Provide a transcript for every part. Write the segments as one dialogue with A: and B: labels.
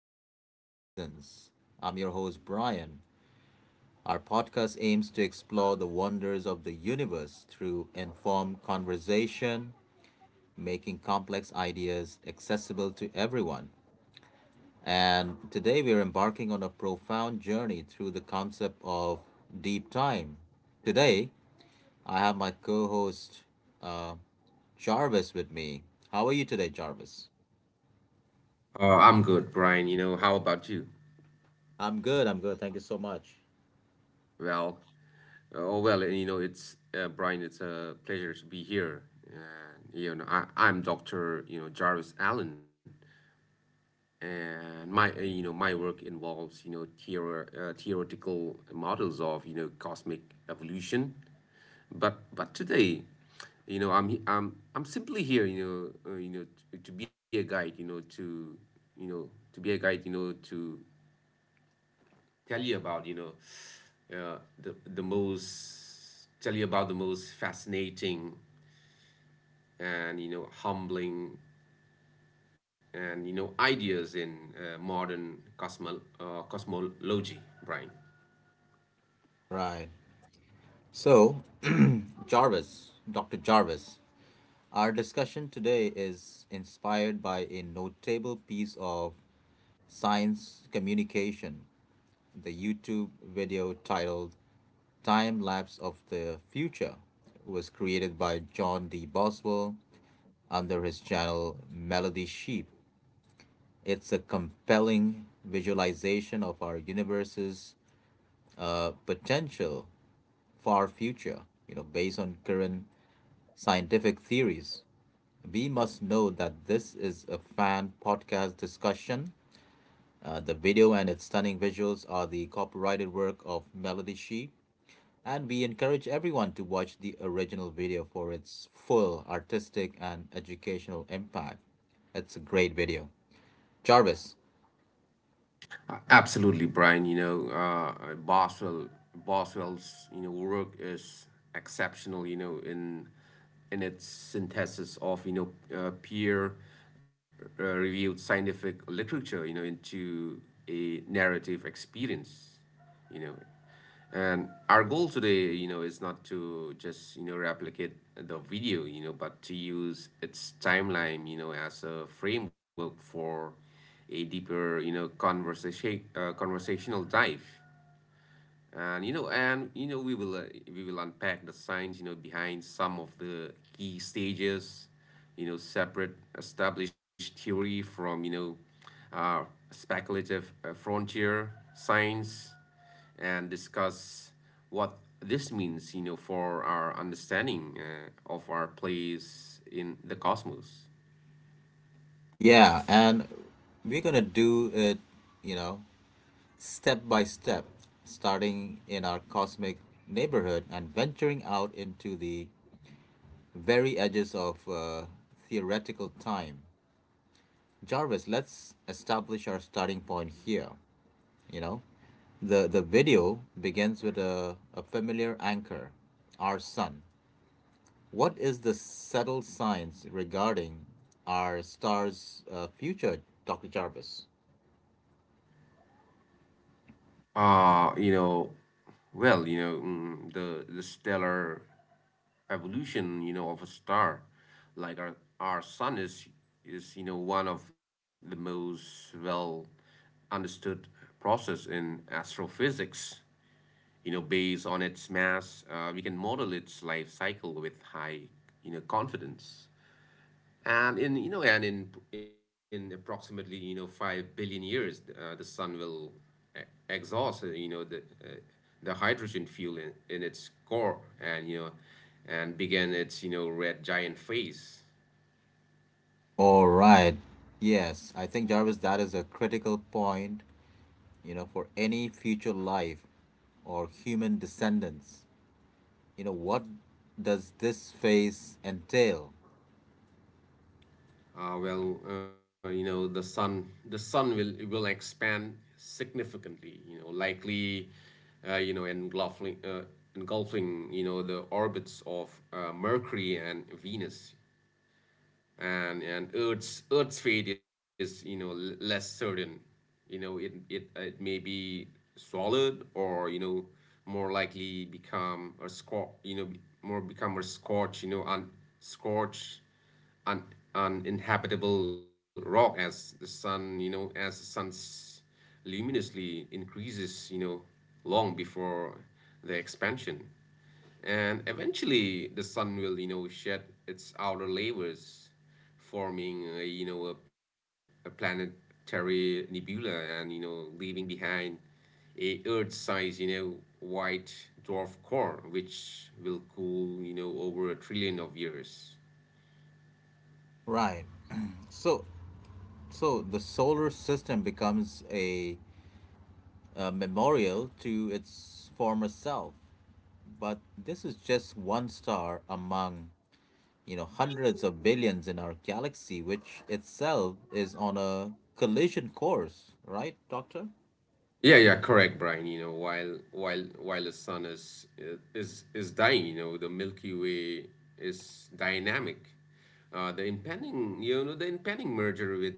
A: Cosmic Horizons. I'm your host, Brian. Our podcast aims to explore the wonders of the universe through informed conversation, making complex ideas accessible to everyone. And today we're embarking on a profound journey through the concept of deep time. Today, I have my co host, uh, Jarvis, with me. How are you today, Jarvis?
B: I'm good, Brian. How about you?
A: I'm good, I'm good. Thank you so much.
B: Well, oh well, it's Brian. It's a pleasure to be here. And I'm Dr. Jarvis Allen, and my work involves theoretical models of cosmic evolution. But today, I'm he- I'm simply here. Know, uh, you know, to be a guide. You know to be a guide. To tell you about you know the most tell you about the most fascinating and humbling and ideas in modern cosmology, Brian.
A: Right. So, Jarvis, Dr. Jarvis, our discussion today is inspired by a notable piece of science communication. The YouTube video titled Time Lapse of the Future was created by John D. Boswell under his channel Melody Sheep. It's a compelling visualization of our universe's potential far future, you know, based on current scientific theories. We must know that this is a fan podcast discussion. The video and its stunning visuals are the copyrighted work of Melody She, and we encourage everyone to watch the original video for its full artistic and educational impact. It's a great video, Jarvis.
B: Absolutely, Brian. Boswell's work is exceptional. In its synthesis of peer reviewed scientific literature, into a narrative experience. You know, and our goal today, is not to just, replicate the video, but to use its timeline, as a framework for a deeper, conversational dive, and you know we will unpack the science behind some of the key stages, separate established theory from uh, speculative frontier science, and discuss what this means for our understanding of our place in the cosmos.
A: Yeah, and we're gonna do it, you know, step by step, starting in our cosmic neighborhood and venturing out into the very edges of theoretical time. Jarvis, let's establish our starting point here. You know, the video begins with a familiar anchor, our sun. What is the subtle science regarding our star's future, Dr. Jarvis?
B: Uh, you know, well, the stellar evolution, of a star like our sun is one of the most well understood process in astrophysics. Based on its mass, we can model its life cycle with high confidence. And in approximately 5 billion years, the sun will e- exhaust the hydrogen fuel in its core, and begin its red giant phase.
A: All right. Yes, I think Jarvis, that is a critical point, you know, for any future life or human descendants. You know, what does this phase entail?
B: Well, the sun will expand significantly. Likely, uh, you know, engulfing uh, engulfing the orbits of Mercury and Venus. And Earth's fate is less certain. It may be solid or more likely become a scorch. You know be- more become a scorch. You know un scorch, un uninhabitable rock as the sun. As the sun's luminously increases, long before the expansion, and eventually the sun will shed its outer layers forming a planetary nebula and leaving behind a earth size white dwarf core which will cool over a trillion of years.
A: Right. So so the solar system becomes a memorial to its former self, but this is just one star among, you know, hundreds of billions in our galaxy, which itself is on a collision course, right, doctor?
B: Yeah, yeah, correct, Brian. While the sun is dying, the Milky Way is dynamic. The impending, the impending merger with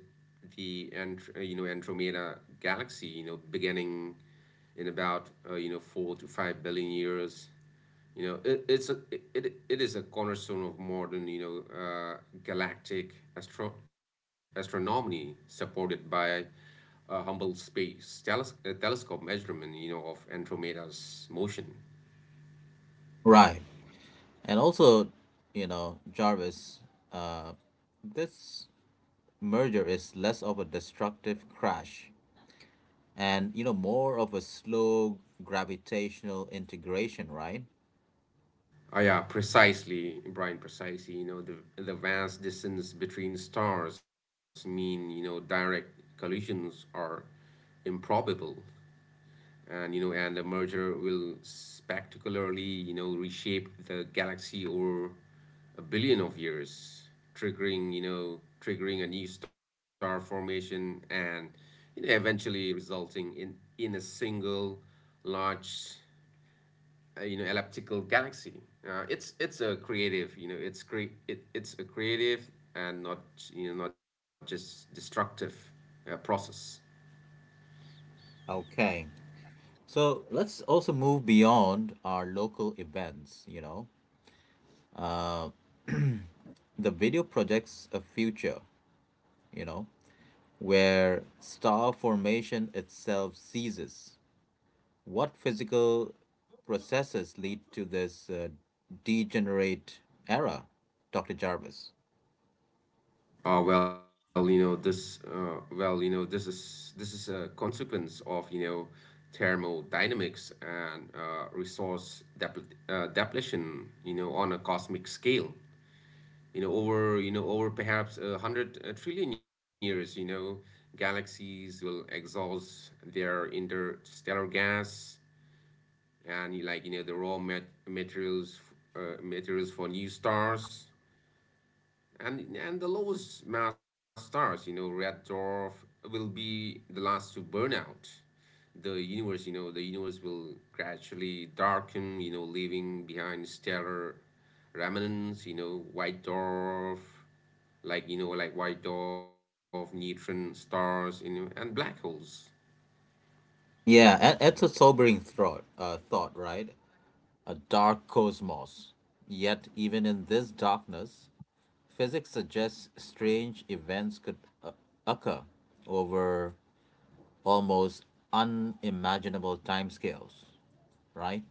B: the Andromeda galaxy, beginning in about 4 to 5 billion years, you know, it, it's a it is a cornerstone of modern know uh, galactic astronomy, supported by a humble space telescope measurement of Andromeda's motion.
A: Right. And also, you know, Jarvis, uh, this merger is less of a destructive crash and, you know, more of a slow gravitational integration, right?
B: Yeah, precisely, Brian. Precisely. The vast distance between stars mean direct collisions are improbable. And you know and the merger will spectacularly reshape the galaxy over a billion of years, triggering you know triggering a new star formation, and eventually resulting in a single large elliptical galaxy. It's a creative you know it's cre- it, it's a creative and not you know not just destructive process.
A: Okay. So let's also move beyond our local events, you know. The video projects a future, you know, where star formation itself ceases. What physical processes lead to this degenerate era, Dr. Jarvis?
B: Oh well, this. Well, this is a consequence of thermodynamics and resource depletion on a cosmic scale. Over you know over perhaps a hundred trillion years, galaxies will exhaust their interstellar gas, and you like you know the raw materials for new stars, and the lowest mass stars, red dwarf, will be the last to burn out. The universe, will gradually darken, leaving behind stellar remnants, white dwarf, like white dwarf, neutron stars, and black holes.
A: Yeah, it's a sobering thought, right? A dark cosmos. Yet, even in this darkness, physics suggests strange events could uh, occur over almost unimaginable timescales, right?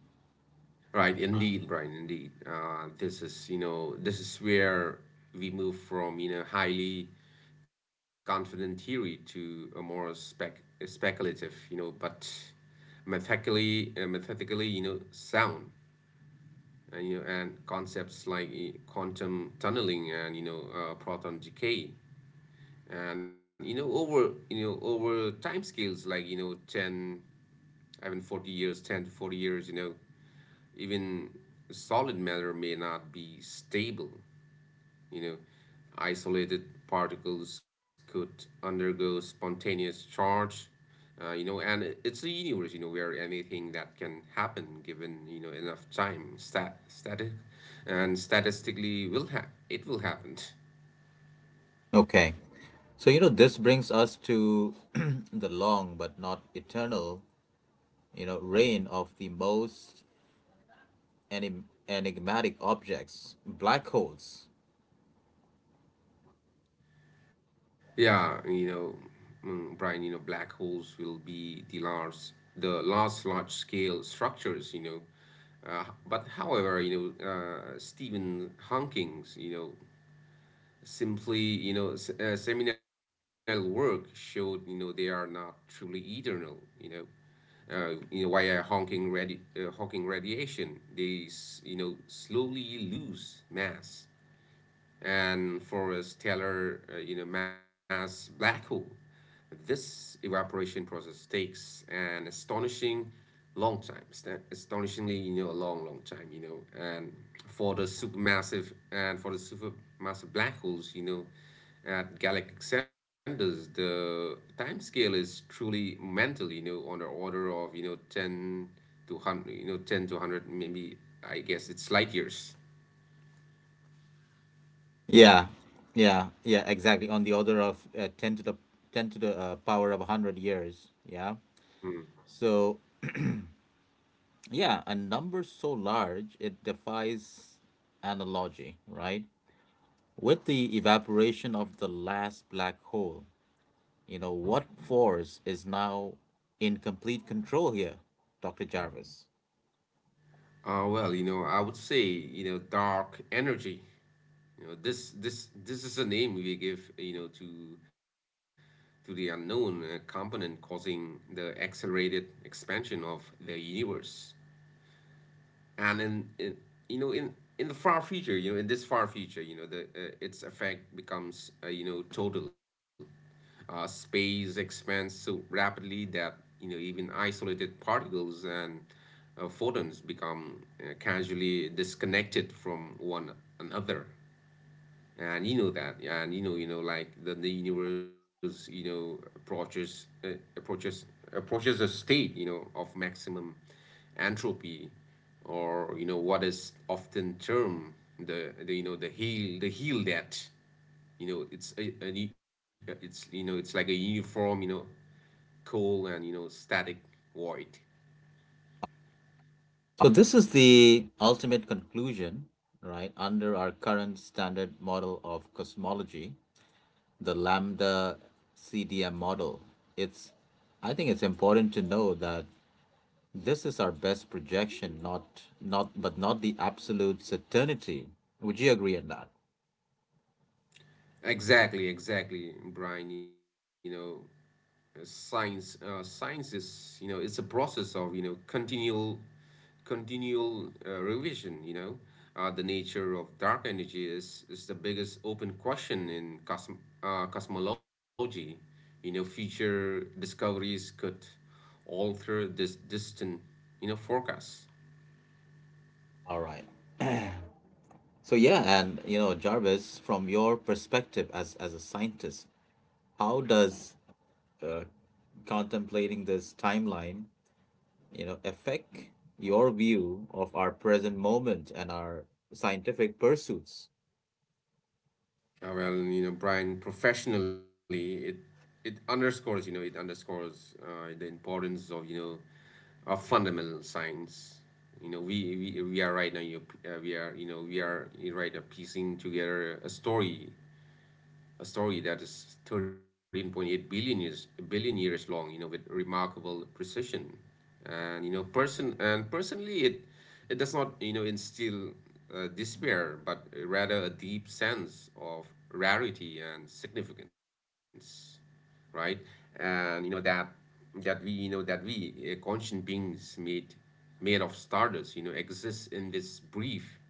B: Right, indeed, Brian, indeed. This is where we move from, highly confident theory to a more speculative, but methodically, sound. And concepts like quantum tunneling and, proton decay. And over time scales like, 10, I mean, 40 years, 10 to 40 years, even solid matter may not be stable. You know, Isolated particles could undergo spontaneous charge. And it's a universe, where anything that can happen given enough time, and statistically it will happen.
A: Okay. So, you know, this brings us to the long but not eternal, you know, reign of the most enigmatic objects, black holes.
B: Yeah, Brian, black holes will be the last large-scale structures. But however, Stephen Hawking's, simply, seminal work showed, they are not truly eternal. Via Hawking radiation, they slowly lose mass and Forrest Taylor, mass black hole. This evaporation process takes an astonishing long time, astonishingly, a long, long time, and for the supermassive black holes, at galactic centers, the time scale is truly mental, on the order of, 10 to 100, 10 to 100, maybe, I guess it's light years.
A: Yeah, yeah, yeah, exactly. On the order of 10 to the 10 to the power of 100 years. Yeah.
B: Mm.
A: So, yeah, a number so large it defies analogy, right? With the evaporation of the last black hole, you know, what force is now in complete control here, Dr. Jarvis?
B: Well, I would say, dark energy. This is a name we give, to the unknown component causing the accelerated expansion of the universe, and you know in in the far future, you know the its effect becomes total. Uh, space expands so rapidly that even isolated particles and photons become casually disconnected from one another, and that, and you know like the universe approaches approaches a state of maximum entropy, or what is often termed the heel death. you know it's a a it's like a uniform, cold and static void.
A: So, this is the ultimate conclusion, right, under our current standard model of cosmology, the Lambda CDM model. It's, I think it's important to know that this is our best projection, not not but not the absolute certainty. Would you agree on that?
B: Exactly, exactly, Brian. You know, science, science is you know it's a process of continual, continual revision. The nature of dark energy is the biggest open question in cosmology. Future discoveries could alter this distant forecast.
A: All right. So yeah, and you know, Jarvis, from your perspective as a scientist, how does uh, contemplating this timeline, you know, affect your view of our present moment and our scientific pursuits?
B: Well, Brian, professionally, it underscores the importance of fundamental science. We are right now, we are, right now piecing together a story, a story that is 13.8 billion years long, with remarkable precision. And personally, it does not instill despair, but rather a deep sense of rarity and significance. Right. And that we, conscient beings made of stardust, exist in this brief,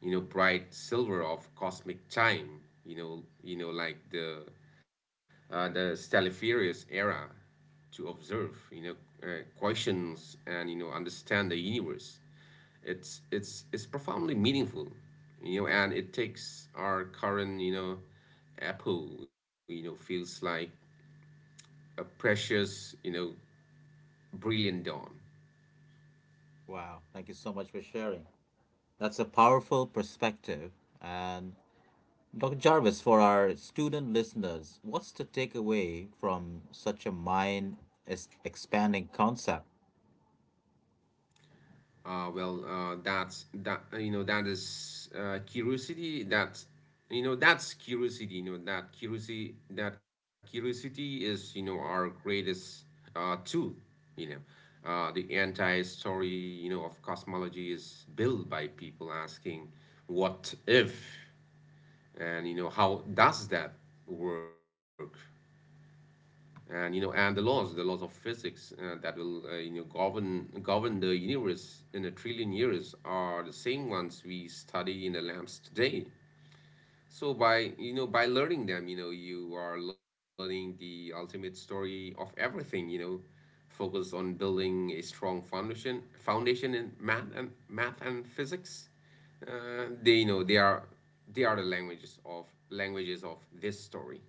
B: bright silver of cosmic time, like the Stelliferius era, to observe, questions and understand the universe. It's profoundly meaningful, and it takes our current, apple, feels like a precious, brilliant dawn.
A: Wow, thank you so much for sharing. That's a powerful perspective. And Dr. Jarvis, for our student listeners, what's the takeaway from such a mind expanding concept?
B: Well, that's that. That is curiosity. That's curiosity. That curiosity is our greatest tool. The entire story of cosmology is built by people asking, "What if?" How does that work? And you know and the laws of physics, that will govern the universe in a trillion years, are the same ones we study in the labs today. So by learning them, you are learning the ultimate story of everything. Focus on building a strong foundation in math and physics. Uh, they you know they are they are the languages of this story.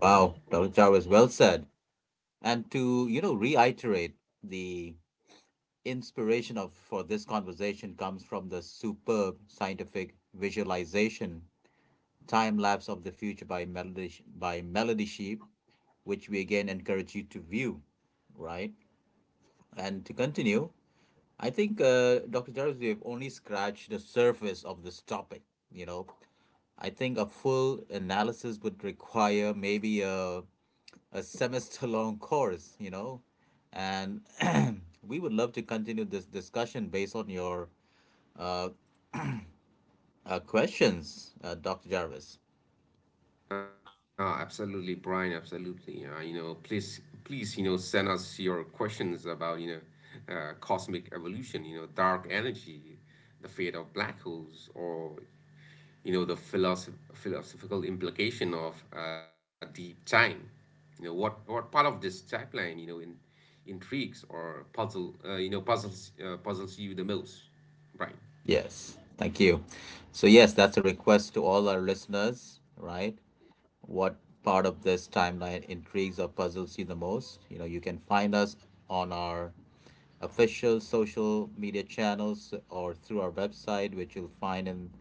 A: Wow, Dr. Jarvis, well said. And to, you know, reiterate, the inspiration of for this conversation comes from the superb scientific visualization Time Lapse of the Future by Melody Sheep, which we again encourage you to view, right? And to continue, I think, Dr. Jarvis, we have only scratched the surface of this topic. You know, I think a full analysis would require maybe a semester long course, you know, and we would love to continue this discussion based on your questions, Dr. Jarvis.
B: Absolutely, Brian. Absolutely. Please, send us your questions about cosmic evolution. Dark energy, the fate of black holes, or the philosophical implication of deep time. What part of this timeline, intrigues or puzzles you the most, Brian?
A: Yes, thank you. So, yes, that's a request to all our listeners, right? What part of this timeline intrigues or puzzles you the most? You know, you can find us on our official social media channels or through our website, which you'll find in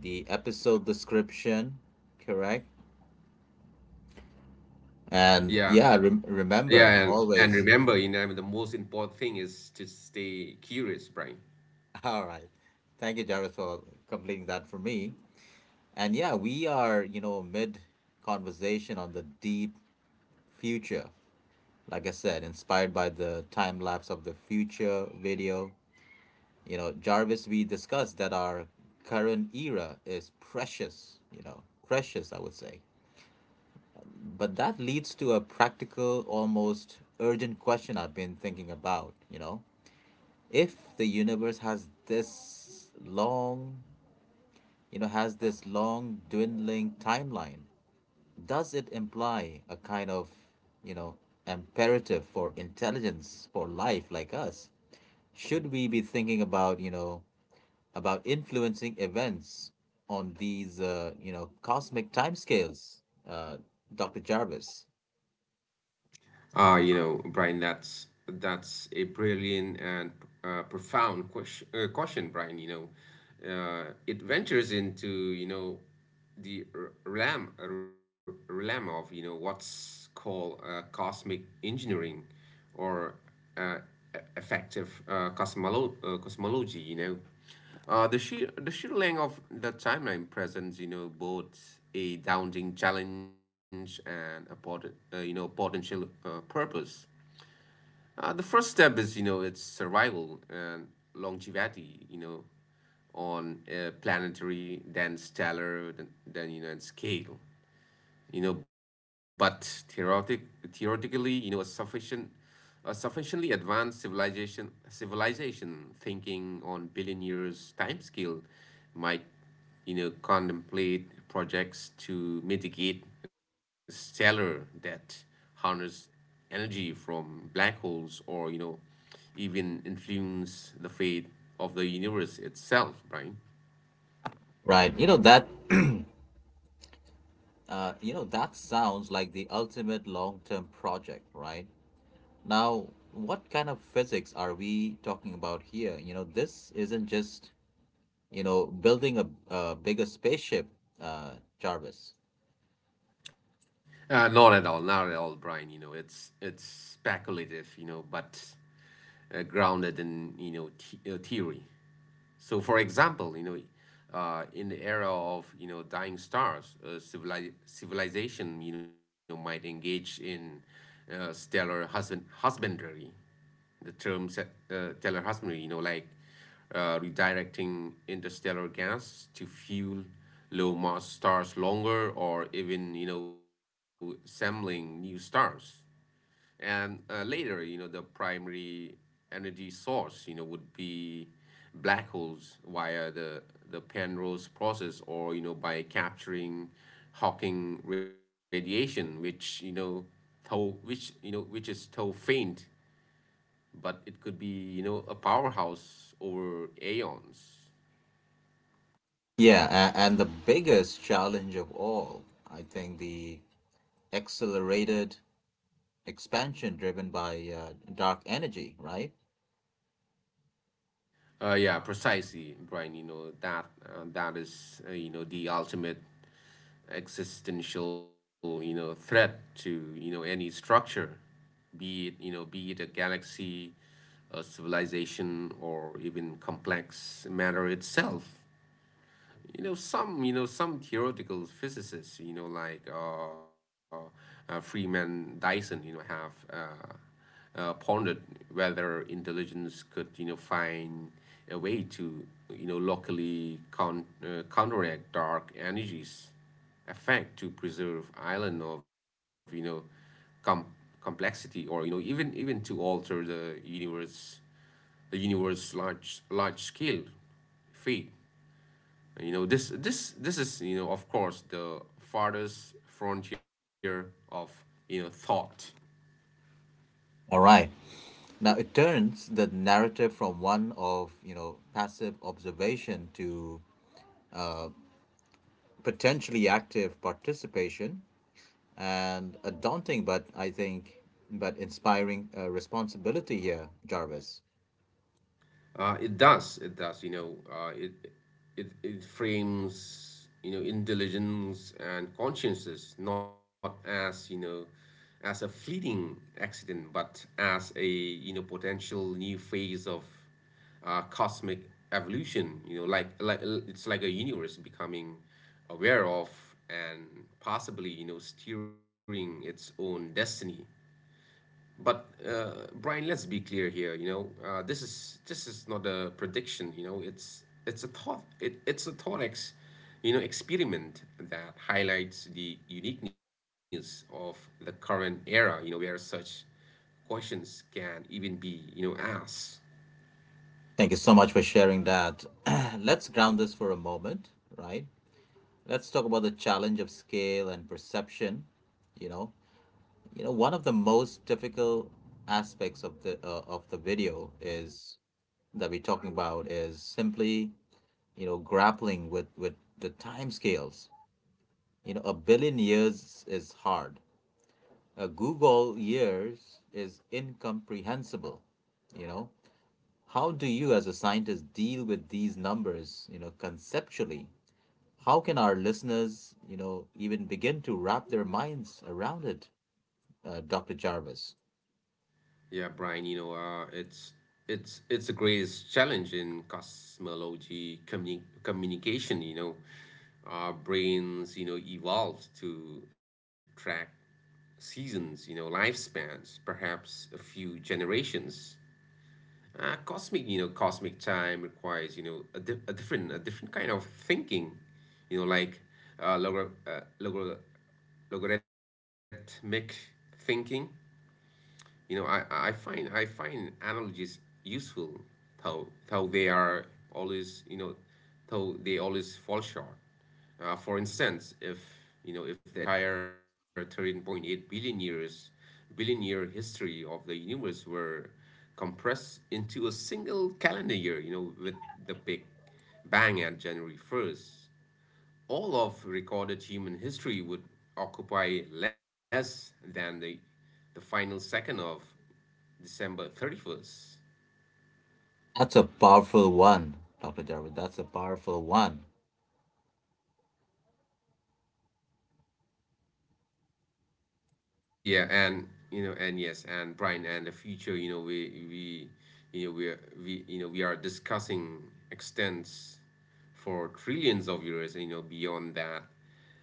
A: the episode description. Correct? And
B: Yeah,
A: yeah, remember
B: Yeah, and
A: always.
B: remember, the most important thing is to stay curious, Brian.
A: All right. Thank you, Jarvis, for completing that for me. And yeah, we are, you know, mid conversation on the deep future. Like I said, inspired by the Time Lapse of the Future video. You know, Jarvis, we discussed that our current era is precious, you know, precious, I would say. But that leads to a practical, almost urgent question I've been thinking about, you know. If the universe has this long, you know, has this long dwindling timeline, does it imply a kind of, you know, imperative for intelligence, for life like us? Should we be thinking about, you know, about influencing events on these, you know, cosmic timescales, uh, Dr. Jarvis?
B: Brian, that's a brilliant and profound question, Brian. It ventures into the realm of what's called cosmic engineering or uh, effective cosmology. The sheer length of the timeline presents, both a daunting challenge and a potential purpose. The first step is, its survival and longevity, on a planetary, then stellar, then and scale, but theoretic, theoretically, you know a sufficient a sufficiently advanced civilization thinking on billion years time scale might contemplate projects to mitigate stellar that harness energy from black holes or even influence the fate of the universe itself, right?
A: Right. You know that. You know that sounds like the ultimate long-term project, right? Now, what kind of physics are we talking about here? You know, this isn't just, you know, building a bigger spaceship, Jarvis.
B: Not at all, not at all, Brian. It's speculative, but grounded in theory. So, for example, in the era of dying stars, civilization might engage in stellar husbandry. The term stellar husbandry, like redirecting interstellar gas to fuel low mass stars longer, or even assembling new stars and later, the primary energy source would be black holes via the penrose process or by capturing hawking radiation, which you know though which you know which is though faint, but it could be a powerhouse over aeons.
A: Yeah, and the biggest challenge of all, I think, the accelerated expansion driven by dark energy, right?
B: Yeah Precisely, Brian. That is the ultimate existential threat to any structure, be it a galaxy, a civilization, or even complex matter itself. Some theoretical physicists, like Freeman Dyson, have pondered whether intelligence could find a way to locally counteract dark energies effect to preserve island of com- complexity, or even to alter the universe large scale fate. This is, of course, the farthest frontier of thought.
A: All right. Now it turns the narrative from one of, you know, passive observation to potentially active participation and a daunting but, I think, but inspiring responsibility here, Jarvis.
B: It does. It does. It frames intelligence and consciences not as as a fleeting accident, but as a potential new phase of cosmic evolution. It's like a universe becoming aware of and possibly steering its own destiny. But Brian, let's be clear here. This is not a prediction. It's a thought. It's a thought experiment that highlights the uniqueness of the current era, where such questions can even be asked.
A: Thank you so much for sharing that. Let's ground this for a moment, right? Let's talk about the challenge of scale and perception, you know. You know, one of the most difficult aspects of the video is that we're talking about is simply, you know, grappling with the time scales. You know, a billion years is hard. A Google years is incomprehensible. You know, how do you as a scientist deal with these numbers, you know, conceptually? How can our listeners, you know, even begin to wrap their minds around it, Dr. Jarvis?
B: Yeah, Brian, it's the greatest challenge in cosmology communication. Our brains, evolved to track seasons, lifespans, perhaps a few generations. Cosmic time requires, a different kind of thinking, you know, like uh, logor- uh, logor- logarithmic thinking. I find analogies useful, though though they are always you know, though they always fall short. For instance, if you know if the entire 13.8 billion years billion year history of the universe were compressed into a single calendar year, with the Big Bang at January 1st. All of recorded human history would occupy less than the final second of December 31st.
A: That's a powerful one, Dr. Jarvis. That's a powerful one.
B: Yeah, and yes, and Brian, and the future, you know, we you know we are we you know we are discussing extents for trillions of years, beyond that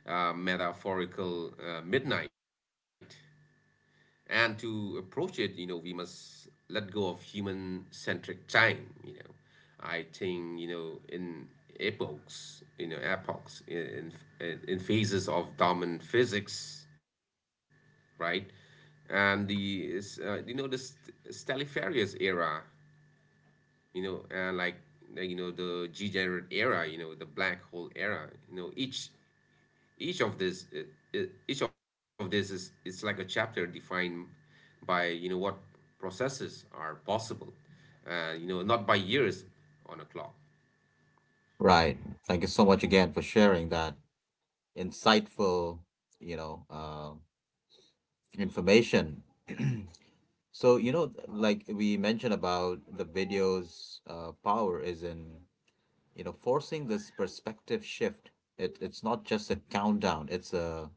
B: metaphorical midnight. And to approach it, we must let go of human centric time. I think, in epochs, in phases of dominant physics, right? And the, is, you know, the st- Stradivarius era, you know, and like, you know, the G-Generate era, the black hole era, you know, each of this uh, each of this is it's like a chapter defined by what processes are possible, not by years on a clock.
A: Right. Thank you so much again for sharing that insightful, you know, information. So, you know, like we mentioned about the video's power is in, you know, forcing this perspective shift. It, it's not just a countdown. It's a,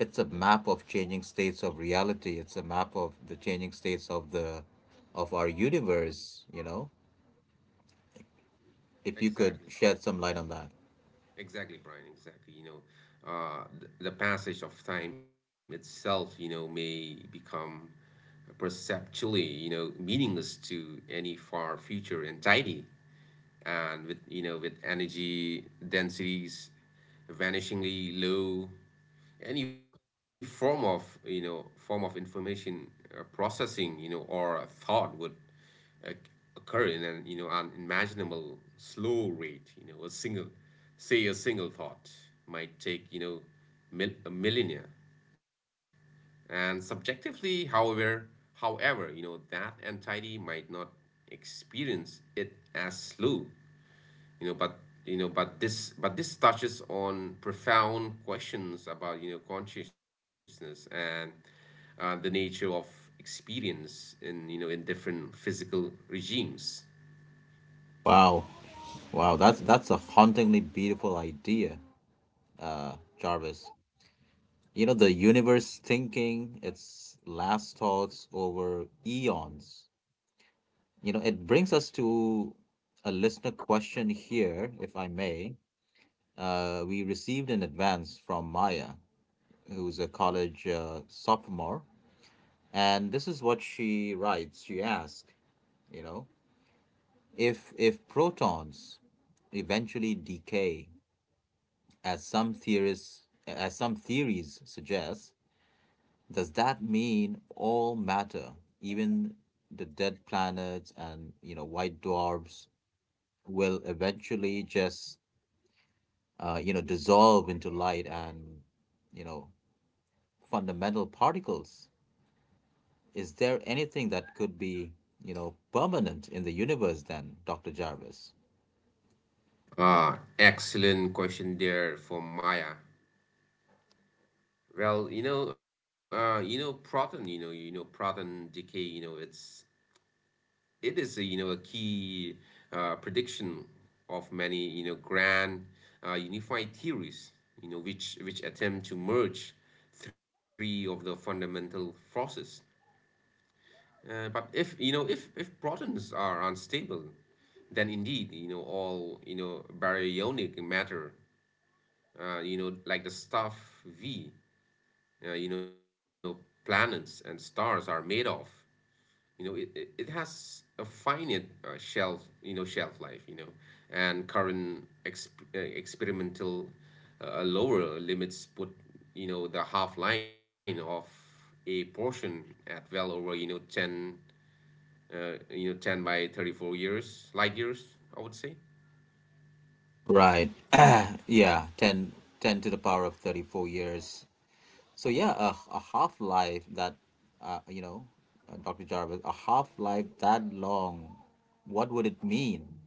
A: it's a map of changing states of reality. It's a map of the changing states of the of our universe, you know. If you could
B: exactly
A: shed some
B: brian
A: light on that.
B: exactly brian exactly the passage of time itself, may become perceptually, meaningless to any far future entity. And with you know with energy densities vanishingly low, any form of information processing or thought would uh, occur in an unimaginable slow rate. You know a single say a single thought might take, a millennia. And subjectively, however, that entity might not experience it as slow. You know but you know but this but this touches on profound questions about consciousness and the nature of experience in you know in different physical regimes.
A: Wow. Wow, that's a hauntingly beautiful idea, Jarvis. You know, the universe thinking its last thoughts over eons. You know, it brings us to a listener question here, if I may. We received in advance from Maya, who's a college sophomore, and this is what she writes. She asks, you know, if protons eventually decay, as some theorists, as some theories suggest, does that mean all matter, even the dead planets and, you know, white dwarfs, will eventually just you know, dissolve into light and, you know, fundamental particles? Is there anything that could be, you know, permanent in the universe then, Doctor Jarvis?
B: Ah, excellent question there from Maya. Well, you know proton decay, It is a, you know a key prediction of many grand unified theories, which attempt to merge three of the fundamental forces. But if you know if protons are unstable, then indeed, all baryonic matter, like the stuff we you know planets and stars are made of. It has a finite shelf life. And current experimental lower limits put the half line of a portion at well over, 10, 10 by 34 years, light years, I would say.
A: Right. Yeah, 10, 10 to the power of 34 years. So yeah, a half life that, you know, Dr. Jarvis, a half life that long, what would it mean?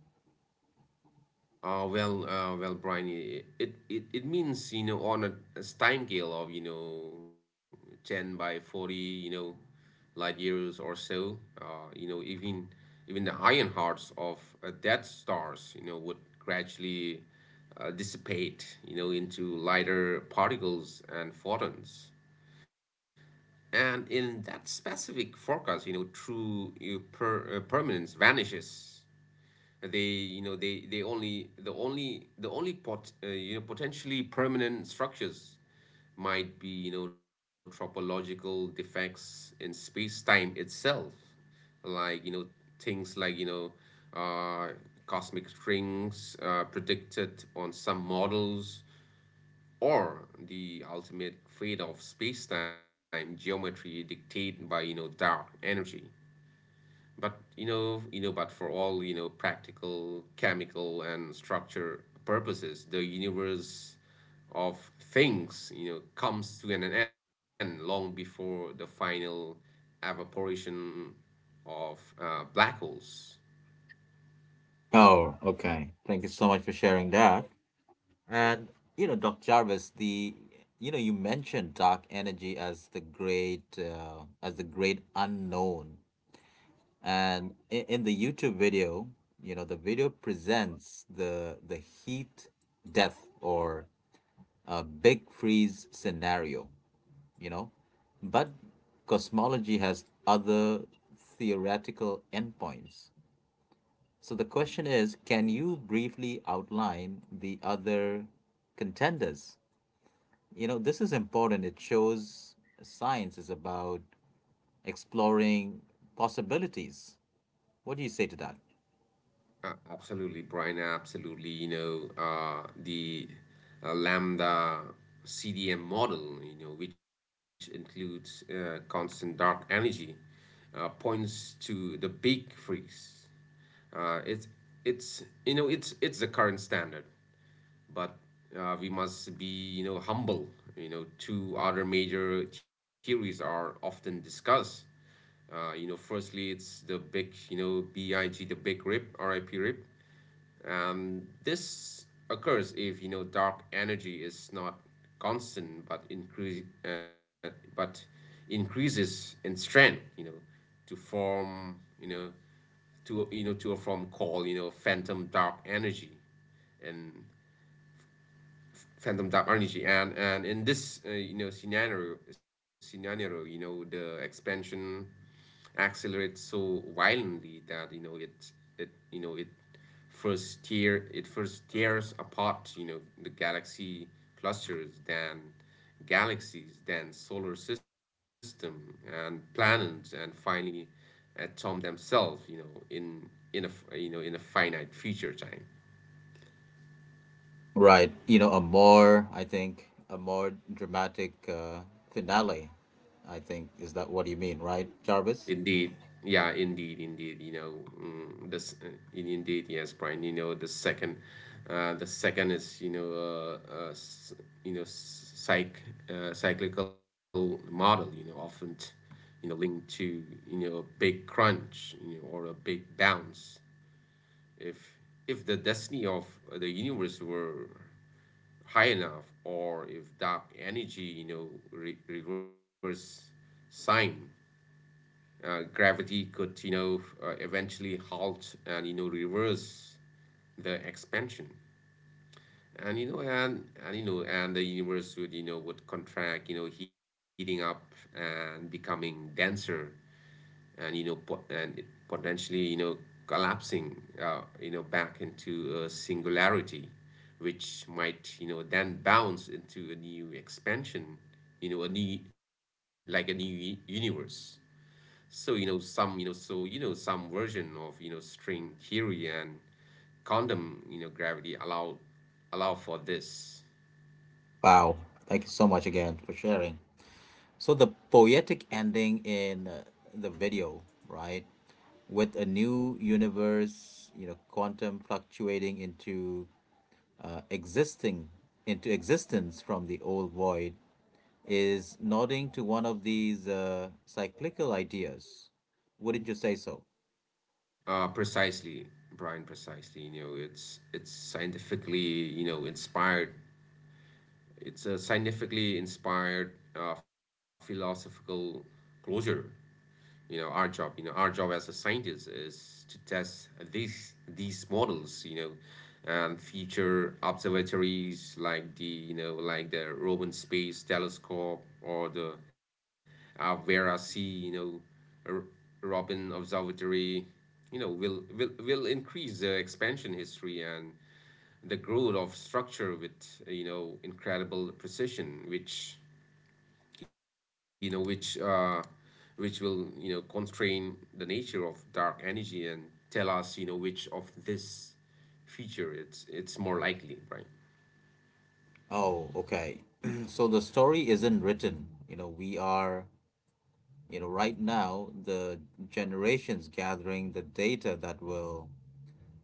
B: Well, Brian, it means, on a time scale of, 10 by 40, light years or so, even even the iron hearts of dead stars, would gradually dissipate, into lighter particles and photons. And in that specific forecast, true permanence vanishes. The only the only potentially permanent structures might be, topological defects in space time itself, like you know things like uh, cosmic strings, predicted on some models, or the ultimate fate of space-time geometry dictated by dark energy. But for all, practical, chemical, and structure purposes, the universe of things, comes to an end long before the final evaporation of black holes.
A: Oh, okay. Thank you so much for sharing that. And you know, Dr. Jarvis, the you know you mentioned dark energy as the great unknown, and in the YouTube video, you know, the video presents the heat death or a big freeze scenario, you know. But cosmology has other theoretical endpoints. So the question is, can you briefly outline the other contenders? You know, this is important. It shows science is about exploring possibilities. What do you say to that?
B: Absolutely, Brian. Absolutely. The Lambda CDM model, which includes constant dark energy, points to the big freeze. Uh, it's it's you know it's the current standard, but we must be humble. Two other major theories are often discussed. Firstly, it's the big, BIG, the big rip, RIP, rip. This occurs if dark energy is not constant but but increases in strength, to form you know to or from call you know phantom dark energy and phantom type energy, and in this scenario, the expansion accelerates so violently that you know it it you know it first tears apart the galaxy clusters, then galaxies, then solar system and planets, and finally atom themselves, in a in a finite future time.
A: Right. You know, a more, I think, a more dramatic finale, I think, is that what you mean, right, Jarvis?
B: Indeed. Yeah, indeed, indeed. Mm, this uh, Indeed, yes, Brian. The second, is, you know, s- you know, s- psych, cyclical model. Often, linked to a big crunch, or a big bounce. If if the destiny of the universe were high enough, or if dark energy, reverse sign gravity could eventually halt and reverse the expansion, and the universe would contract, heating up and becoming denser, and it potentially collapsing back into a singularity, which might then bounce into a new expansion, a new universe. So, you know, some, you know, so, you know, some version of string theory and condom, gravity allow for this.
A: Wow. Thank you so much again for sharing. So the poetic ending in the video, right, with a new universe, you know, quantum fluctuating into existing into existence from the old void is nodding to one of these cyclical ideas. Wouldn't you say so?
B: Precisely, Brian, precisely. It's scientifically, inspired. It's a scientifically inspired philosophical closure. Our job as a scientist is to test these models. And future observatories like the Roman Space Telescope, or the Vera C, R- Robin Observatory, will increase the expansion history and the growth of structure with incredible precision, you know which uh, which will constrain the nature of dark energy and tell us which of this feature it's more likely, right?
A: Oh, okay. So the story isn't written. You know, we are, you know, right now the generations gathering the data that will,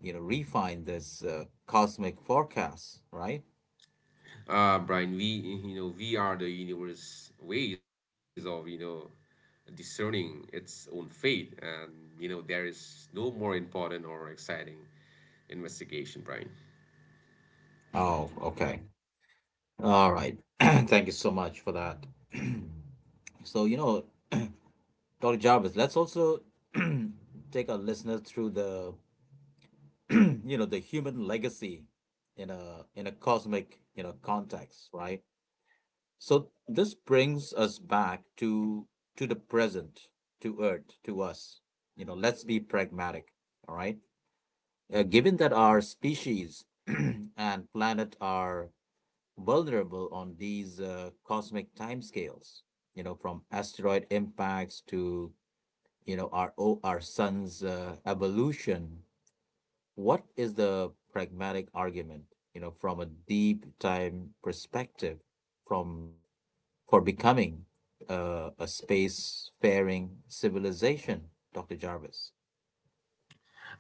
A: you know, refine this cosmic forecast, right?
B: Brian, we you know we are the universe ways of discerning its own fate, and there is no more important or exciting investigation, Brian.
A: Oh, okay. All right. Thank you so much for that. So, you know, Dr. Jarvis, let's also take our listener through the, you know, the human legacy in a cosmic, you know, context, right? So this brings us back to the present, to Earth, to us. You know, let's be pragmatic, all right? Given that our species and planet are vulnerable on these cosmic timescales, you know, from asteroid impacts to, you know, our sun's evolution, what is the pragmatic argument, you know, from a deep time perspective from for becoming a space-faring civilization, Dr. Jarvis?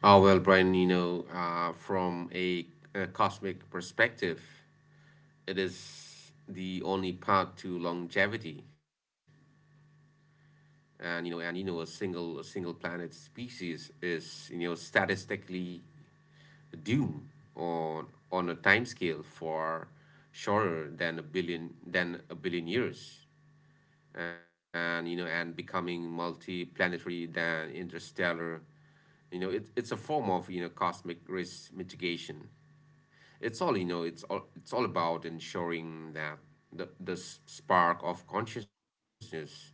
B: Oh well, Brian, from a cosmic perspective, it is the only path to longevity. And a single planet species is statistically doomed on a timescale for shorter than a billion years. And and becoming multi-planetary, than interstellar. It's a form of cosmic risk mitigation. It's all you know it's all It's all about ensuring that the spark of consciousness,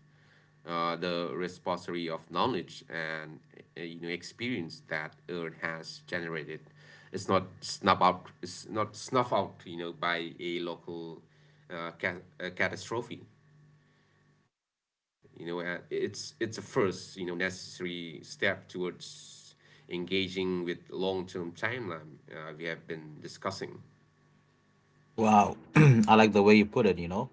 B: the repository of knowledge and experience that Earth has generated, is not snuff out by a local catastrophe. It's a first necessary step towards engaging with long-term timeline we have been discussing.
A: Wow. I like the way you put it, you know.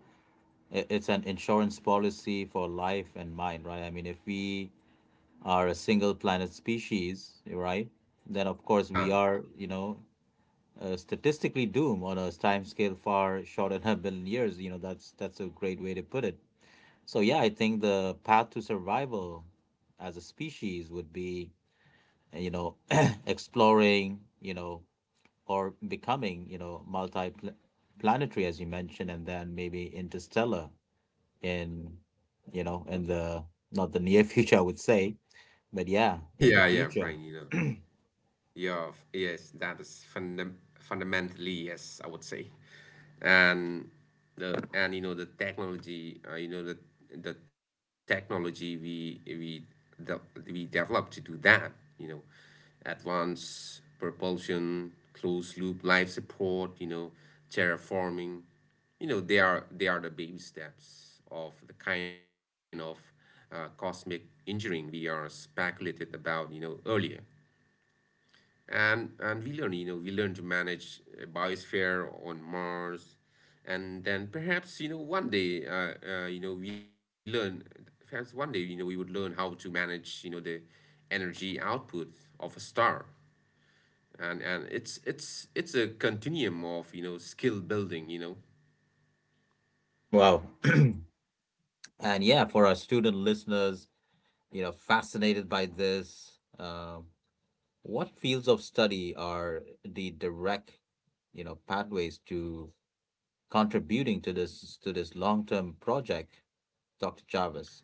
A: It's an insurance policy for life and mind, right? I mean, if we are a single planet species, right, then of course we
B: Yeah.
A: are, you know, statistically doomed on a time scale far shorter than a billion years. You know, that's a great way to put it. So yeah, I think the path to survival as a species would be, you know, exploring, you know, or becoming, you know, multi-planetary, as you mentioned, and then maybe interstellar in you know in the not the near future I would say, but yeah, in the
B: Yeah, yeah, I'm
A: future.
B: trying, you know. Yeah, yes, that is fundamentally, yes, I would say, and the technology, the technology the, we developed to do that, you know, advanced propulsion, closed loop life support, terraforming, they are the baby steps of the kind of cosmic engineering we are speculated about, earlier. And we learn to manage a biosphere on Mars, and then perhaps one day, you know, we learn. Perhaps one day, we would learn how to manage, the energy output of a star, and it's a continuum of skill building.
A: Wow. And yeah, for our student listeners, you know, fascinated by this, what fields of study are the direct, you know, pathways to contributing to this long-term project, Dr. Jarvis?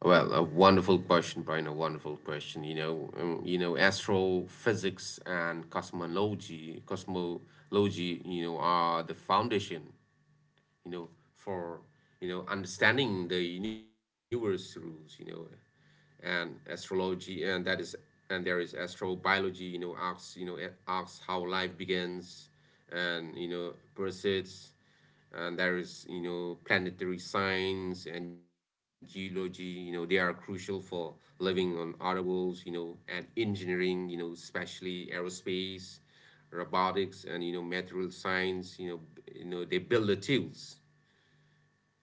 B: Well, a wonderful question, Brian. A wonderful question. Astrophysics and cosmology, are the foundation for understanding the universe rules. And astrology, and there is astrobiology, you know asks you know it asks how life begins and proceeds. And there is planetary science and geology, they are crucial for living on other worlds. And engineering, especially aerospace, robotics, and material science, they build the tools.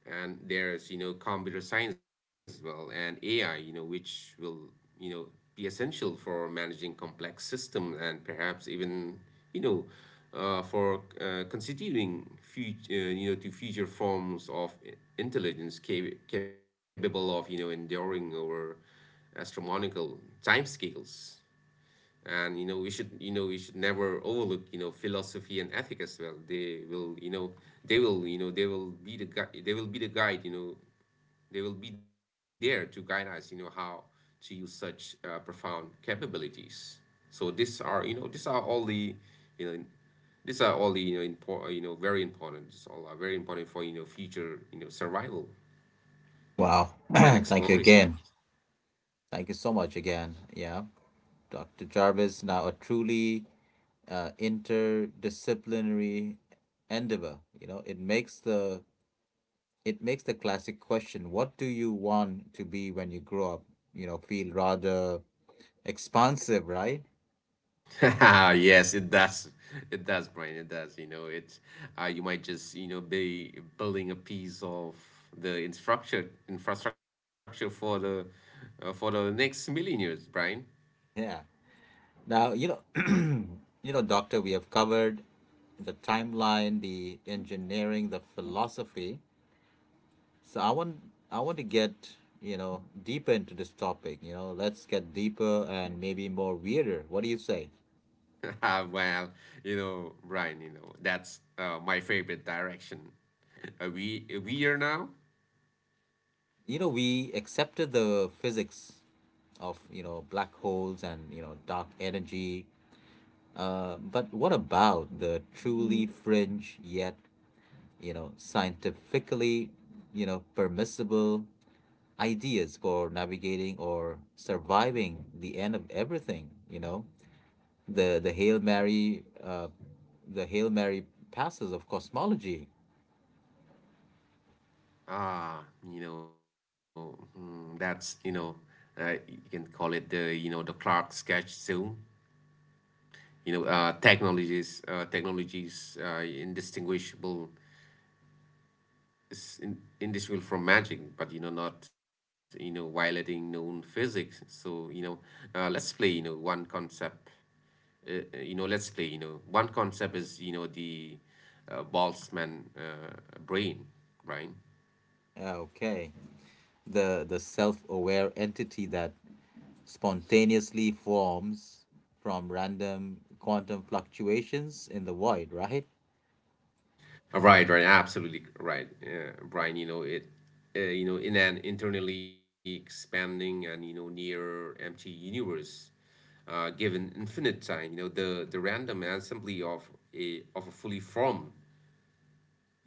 B: And there's computer science as well, and AI, which will you know be essential for managing complex systems, and perhaps even you know for constituting future you know to future forms of intelligence, capable of enduring over astronomical timescales. And we should never overlook philosophy and ethic as well. They will be the guide they will be the guide. They will be there to guide us how to use such profound capabilities. So these are you know these are all the you know important you know very important these all are very important for future survival and
A: Wow.
B: exploration.
A: Thank you again. Thank you so much again. Yeah. Dr. Jarvis, now a truly interdisciplinary endeavor. You know, it makes the classic question, what do you want to be when you grow up? You know, feel rather expansive, right?
B: Yes, it does. It does, Brian. It does. It's You might just be building a piece of the infrastructure for the next million years, Brian.
A: Yeah. Now, you know, you know, doctor, we have covered the timeline, the engineering, the philosophy. So I want to get, you know, deeper into this topic, you know, let's get deeper and maybe more weirder. What do you say?
B: Well, Brian. That's my favorite direction. We are now.
A: You know, we accepted the physics of, you know, black holes and, you know, dark energy, but what about the truly fringe yet, you know, scientifically, you know, permissible ideas for navigating or surviving the end of everything, you know, the hail mary the hail mary passes of cosmology?
B: Ah, that's you can call it the the Clark sketch zone. Technologies indistinguishable indistinguishable from magic, but not violating known physics. So, let's play you know one concept let's play one concept is the Boltzmann brain, right?
A: Okay, the self-aware entity that spontaneously forms from random quantum fluctuations in the void, right?
B: Right, right, absolutely right, Brian. In an internally expanding and near empty universe, given infinite time, the random assembly of a fully formed,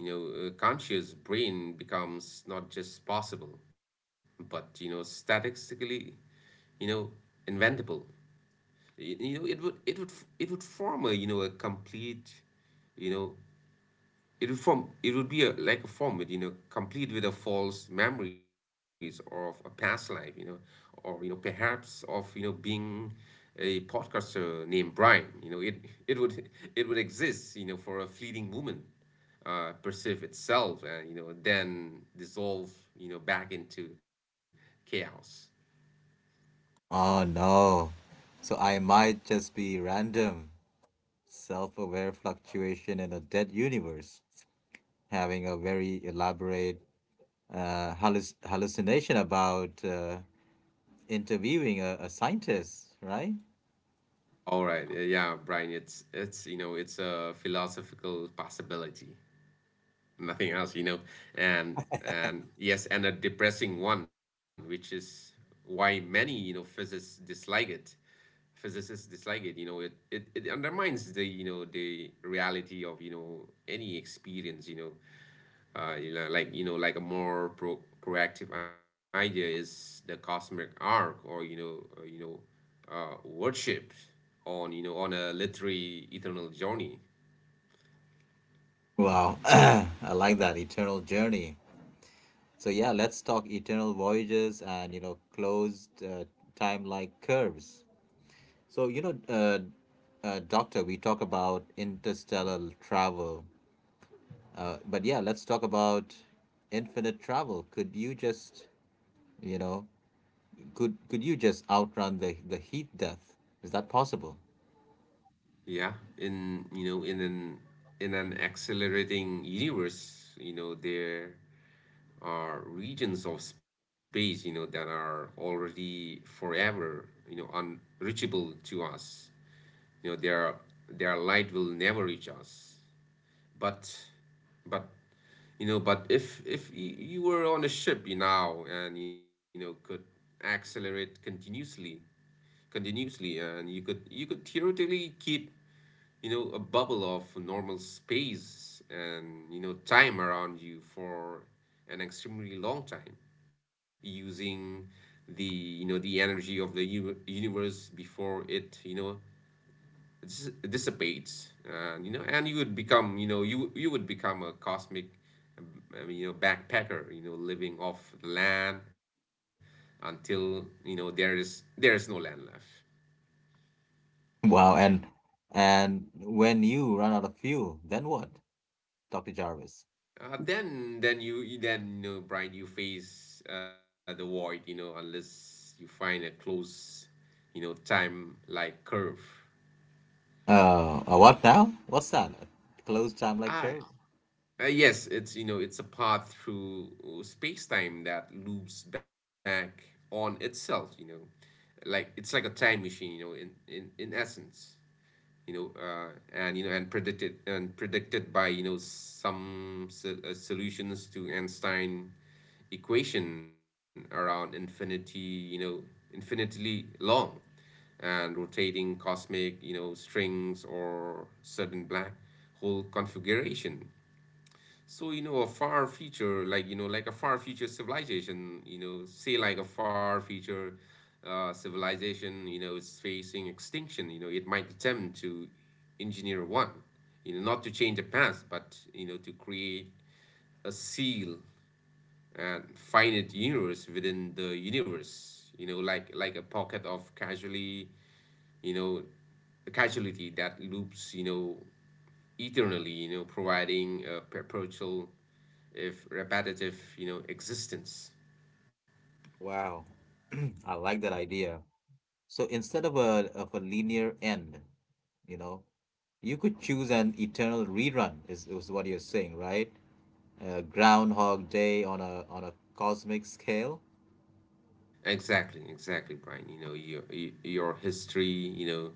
B: conscious brain becomes not just possible, but statistically, you know, inventable. It would form a a complete. You know it would form. It would be a, like a format, complete with a false memories or of a past life, or perhaps of being a podcaster named Brian. It would exist, for a fleeting moment, perceive itself, and then dissolve, back into chaos.
A: Oh no. So I might just be random, self aware fluctuation in a dead universe, having a very elaborate hallucination about interviewing a scientist, right?
B: All right, yeah, Brian, it's a philosophical possibility. Nothing else. And yes, and a depressing one, which is why many physicists dislike it. It undermines the reality of any experience. Like a more proactive idea is the cosmic arc, or worship on a literary eternal journey.
A: Wow, I like that eternal journey. So yeah, let's talk eternal voyages and you know closed time-like curves. So, you know, Doctor, we talk about interstellar travel, but yeah, let's talk about infinite travel. Could you just, you know, could you just outrun the heat death? Is that possible?
B: Yeah, in an accelerating universe, there are regions of space, that are already forever, unreachable to us. You know, their their light will never reach us. But but but if y- you were on a ship you now and could accelerate continuously, and you could theoretically keep a bubble of normal space and time around you for an extremely long time, using the you know the energy of the universe before it dissipates. And you know and You would become you would become a cosmic, I mean, backpacker, living off the land until there is no land left.
A: Wow, and when you run out of fuel, then what, Doctor Jarvis?
B: Then, Brian, you face the void, unless you find a close, time like curve.
A: A what now? What's that? A closed time-like
B: Ah,
A: curve?
B: yes, it's a path through space time that loops back on itself, like it's like a time machine, in essence. You know, and you know, and Predicted by some solutions to Einstein equation around infinity, infinitely long and rotating cosmic, strings or certain black hole configuration. So, a far future, like a far future civilization, you know, say like a far future civilization, is facing extinction, it might attempt to engineer one, not to change the past, but, to create a seal and finite universe within the universe, like, a pocket of casually, you know, a casualty that loops, eternally, providing a perpetual, if repetitive, existence.
A: Wow, I like that idea. So instead of a linear end, you know, you could choose an eternal rerun, is what you're saying, right? Groundhog Day on a cosmic scale.
B: Exactly, exactly, Brian. Your history, you know,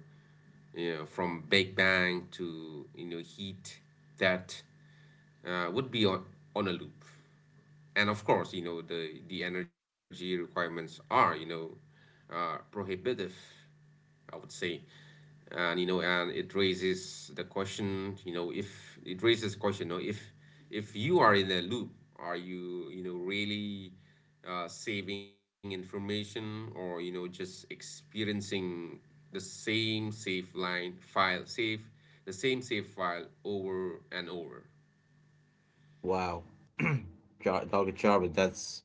B: you know, from Big Bang to heat, that would be on, a loop. And of course, the energy requirements are, prohibitive, I would say. And it raises the question, you know, if it raises the question, you know, if, you are in a loop, are you, really saving information or, just experiencing the same save line file, save, the same save file over and over?
A: Wow, Dr. Charvet, that's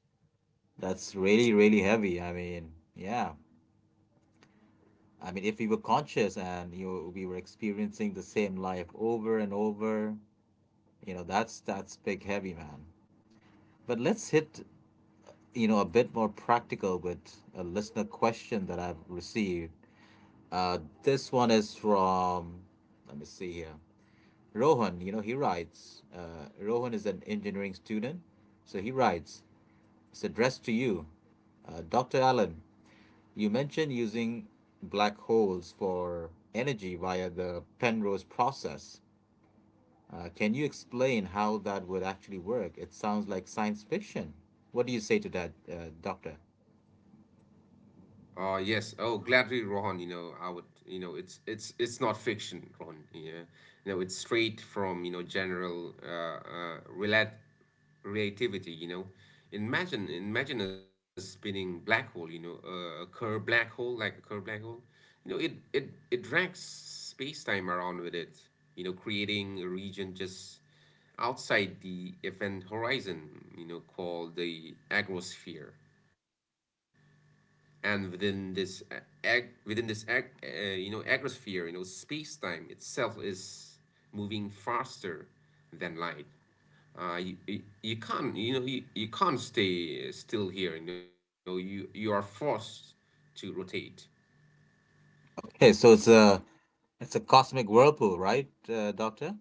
A: that's really really heavy. I mean, yeah. I mean, if we were conscious and you we were experiencing the same life over and over, you know, that's big heavy, man. But let's hit, you know, a bit more practical with a listener question that I've received. This one is from, let me see here, Rohan. You know, he writes. Rohan is an engineering student, so he writes. It's addressed to you. Dr. Allen, you mentioned using black holes for energy via the Penrose process. Can you explain how that would actually work? It sounds like science fiction. What do you say to that, Doctor?
B: Yes. Oh, gladly, Rohan, I would you know, it's not fiction, Rohan. Yeah. It's straight from, general relativity. Imagine a spinning black hole, a Kerr black hole, like a Kerr black hole. It drags space-time around with it, creating a region just outside the event horizon, called the agrosphere, and within this ag- within this ag- you know agrosphere, you know space time itself is moving faster than light. You can't you can't stay still here. You are forced to rotate.
A: Okay, so it's a cosmic whirlpool, right, Doctor?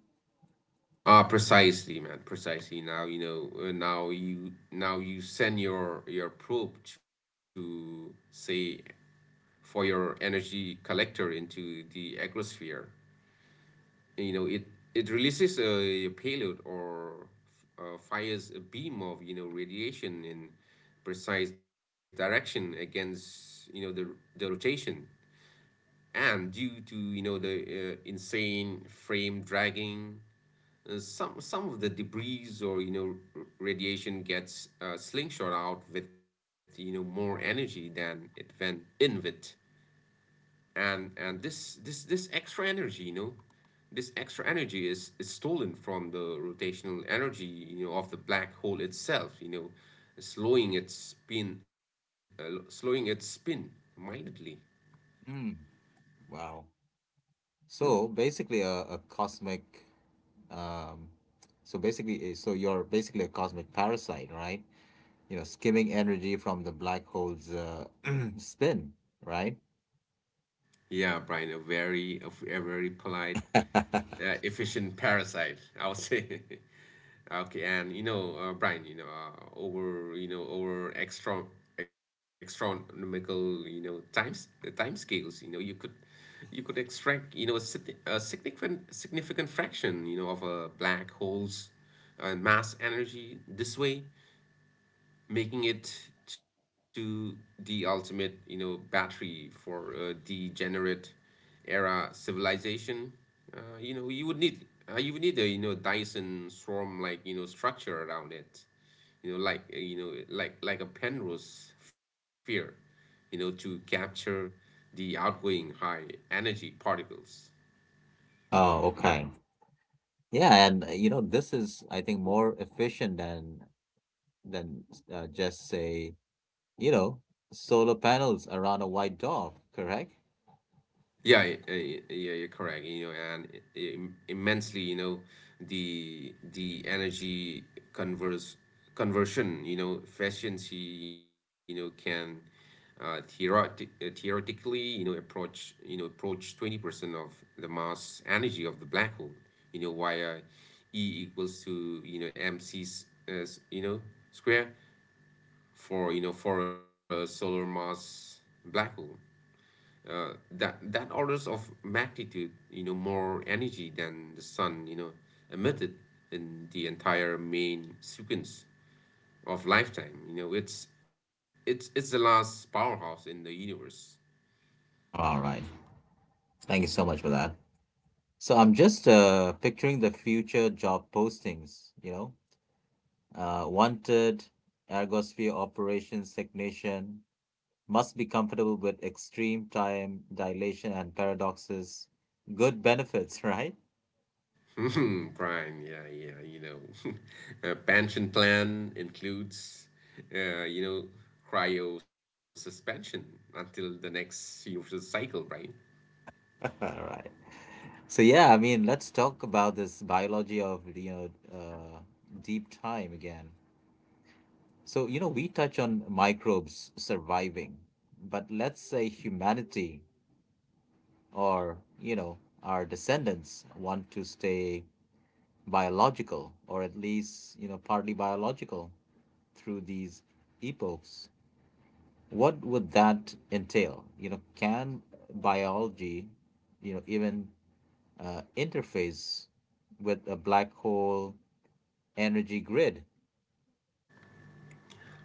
B: Ah, precisely man, precisely. Now you send your probe to say, for your energy collector into the agrosphere. You know it it releases a payload, or fires a beam of radiation in precise direction against the rotation, and due to the insane frame dragging, some of the debris or radiation gets slingshot out with more energy than it went in with. And and this this this extra energy, you know this extra energy, is stolen from the rotational energy of the black hole itself, slowing its spin, slowing its spin mildly.
A: Hmm. Wow. So basically, Um, so you're basically a cosmic parasite, right? You know, skimming energy from the black hole's spin, right?
B: Yeah, Brian, a very, a very polite, efficient parasite, I would say. Okay. and you know Brian, over over extra astronomical time scales, you could, you could extract a significant fraction of a black holes mass energy this way, making it to the ultimate, battery for degenerate era civilization. Uh, you know, you would need you would need a, Dyson swarm like, structure around it. You know, like, like a Penrose sphere, to capture the outgoing high energy particles.
A: Oh, okay. Yeah, and you know, this is, I think, more efficient than than just say, you know, solar panels around a white dwarf, correct?
B: Yeah, you're correct. Immensely, you know, the energy converse conversion, you know, efficiency, you know, can theoretically, you know, approach, 20% of the mass energy of the black hole, you know, via E equals to, you know, mc, square, for, for a solar mass black hole. That orders of magnitude, more energy than the sun, emitted in the entire main sequence of lifetime. It's the last powerhouse in the universe.
A: All right. Thank you so much for that. So I'm just picturing the future job postings, you know, wanted ergosphere operations technician, must be comfortable with extreme time dilation and paradoxes. Good benefits, right?
B: Brian, yeah, yeah. You know, pension plan includes, uh, you know cryo suspension until the next universal cycle, right?
A: All right. So yeah, I mean, let's talk about this biology of, you know, deep time again. So you know we touch on microbes surviving, but let's say humanity or, you know, our descendants want to stay biological or at least, you know, partly biological through these epochs. What would that entail? You know, can biology, you know, even interface with a black hole energy grid?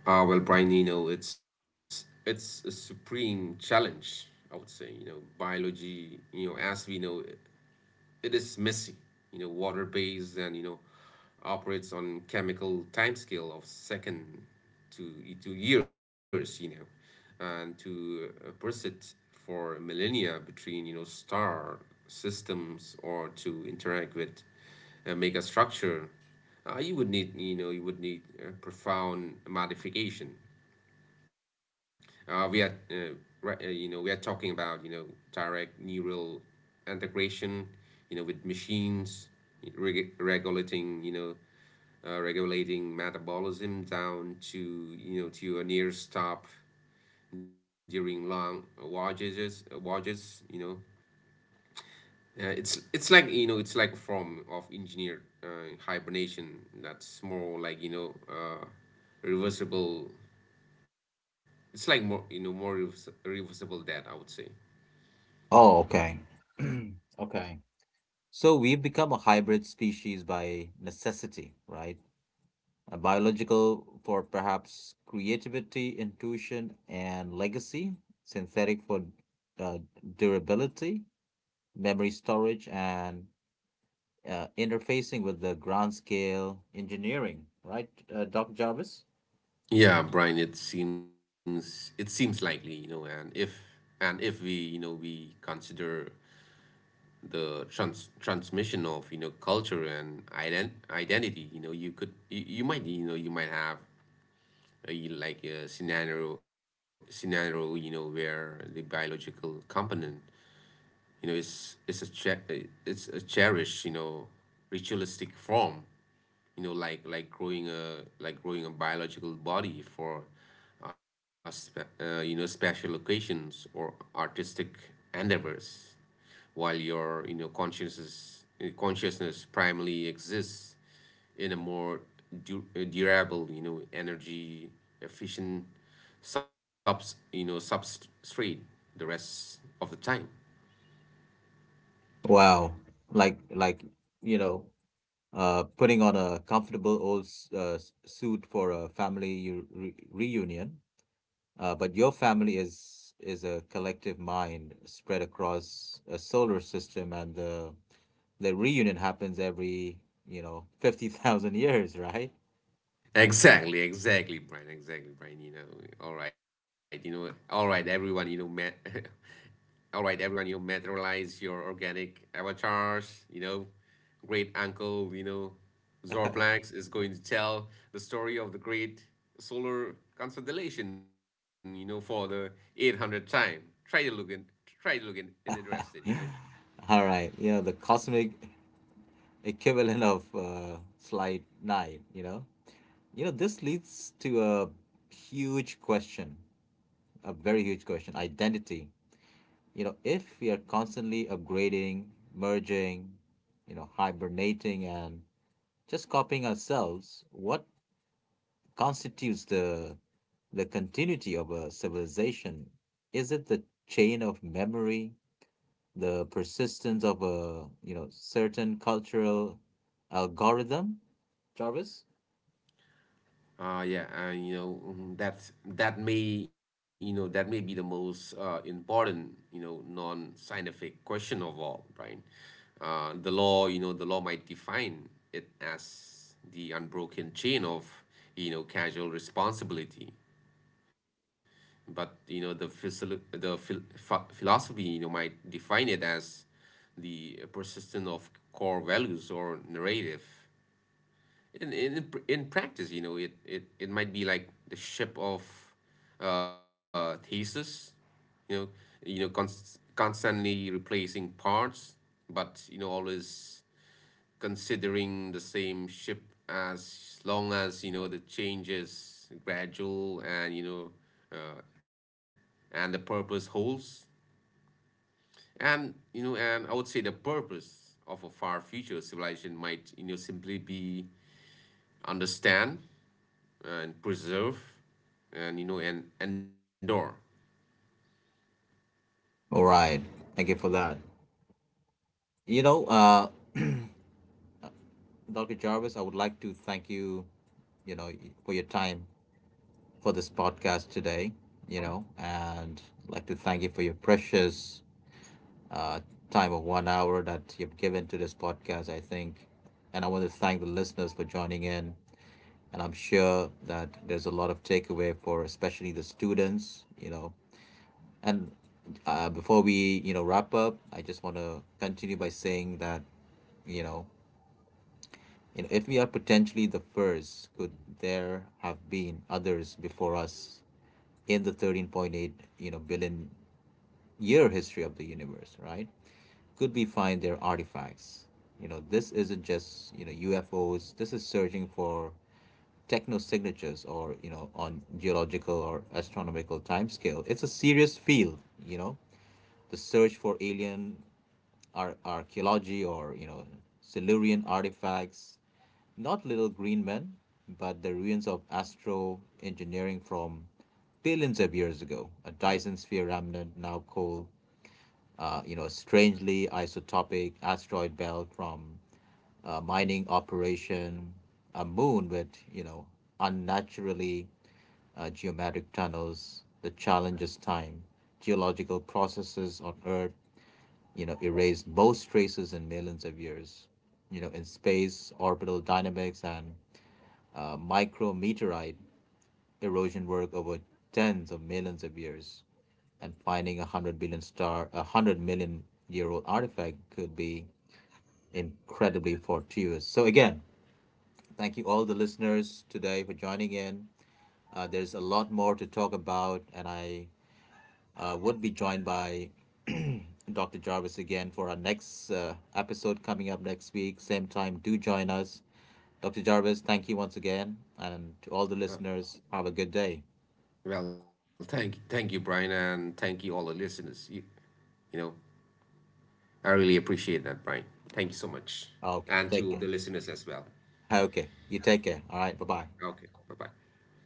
B: Well, Brian, you know, it's a supreme challenge, I would say. You know, biology, you know, as we know, it is messy, you know, water-based, and, you know, operates on chemical timescale of second to, years, you know, and to persist for millennia between, you know, star systems, or to interact with mega structure. You would need, you know, you would need a profound modification. uh, we are, uh, you know, we are talking about, you know, direct neural integration, you know, with machines, regulating, you know, regulating metabolism down to, you know, to a near stop during long voyages, you know. It's like, you know, it's like a form of engineered, hibernation, that's more like, you know, reversible. It's like more, you know, more reversible death, I would say.
A: Oh, okay. Okay. So we have become a hybrid species by necessity, right? A biological for perhaps creativity, intuition, and legacy, synthetic for uh, durability, memory storage, and interfacing with the grand scale engineering, right, Doc Jarvis?
B: Yeah, Brian, it seems, likely, you know, and if, we, you know, we consider the transmission of, you know, culture and identity, you know, you could, you might, you know, you might have a, like a scenario, you know, where the biological component, you know, is, a it's a cherished, you know, ritualistic form. You know, like, like growing a biological body for you know, special occasions, or artistic endeavors, while your, you know, consciousness, primarily exists in a more durable, you know, energy efficient, subs you know, substrate the rest of the time.
A: Wow. Like you know, putting on a comfortable old suit for a family u- re reunion, but your family is a collective mind spread across a solar system, and the reunion happens every you know 50,000 years, right?
B: Exactly, exactly, Brian. Exactly, Brian. You know, all right, you know, all right, everyone, you know, met, all right, everyone, you know, materialize your organic avatars. You know, great uncle, you know, Zorplax is going to tell the story of the great solar constellation, you know, for the eight hundredth time. Try to look, and in, interested, you know.
A: All right, you know, the cosmic equivalent of slide nine, you know? You know, this leads to a huge question, a very huge question identity. You know, if we are constantly upgrading, merging, you know, hibernating, and just copying ourselves, what constitutes the continuity of a civilization? Is it the chain of memory, the persistence of a you know certain cultural algorithm, Jarvis?
B: Mhm, that's, that may be the most important, you know, non-scientific question of all, right? You know, the law might define it as the unbroken chain of, you know, casual responsibility, but you know the philosophy, you know, might define it as the persistence of core values or narrative. In practice, you know, it might be like the ship of thesis, you know you know, constantly replacing parts, but you know, always considering the same ship, as long as, you know, the change is gradual, and you know, uh, and the purpose holds. And, you know, and I would say the purpose of a far future civilization might, you know, simply be understand, and preserve, and, and endure.
A: All right, thank you for that. You know, Dr. Jarvis, I would like to thank you, you know, for your time for this podcast today, you know, and I'd like to thank you for your precious uh, time of 1 hour that you've given to this podcast, I think. And I want to thank the listeners for joining in. And I'm sure that there's a lot of takeaway for especially the students, you know. And before we, you know, wrap up, I just want to continue by saying that, you know, you know, if we are potentially the first, could there have been others before us in the 13.8, you know, billion year history of the universe, right? Could we find their artifacts? You know, this isn't just, you know, UFOs. This is searching for techno signatures or, you know, on geological or astronomical timescale. It's a serious field, you know. The search for alien archaeology or you know Silurian artifacts, not little green men, but the ruins of astro engineering from billions of years ago. A Dyson sphere remnant now called you know a strangely isotopic asteroid belt from a mining operation, a moon with you know unnaturally geometric tunnels. The challenge is time, geological processes on Earth you know, erased most traces in millions of years. You know, in space, orbital dynamics and micrometeorite erosion work over tens of millions of years, and finding a hundred billion star, a 100 million year old artifact could be incredibly fortuitous. So again, thank you all the listeners today for joining in. There's a lot more to talk about, and I would be joined by Dr. Jarvis again for our next episode coming up next week. Same time, do join us. Dr. Jarvis, thank you once again. And to all the listeners,
B: uh,
A: have a good day.
B: well thank thank you, Brian, and thank you all the listeners. You know I really appreciate that, Brian. Thank you so much.
A: Okay, take
B: And
A: care.
B: to the listeners as well.
A: Okay, you take care. All right, bye bye.
B: Okay, bye-bye.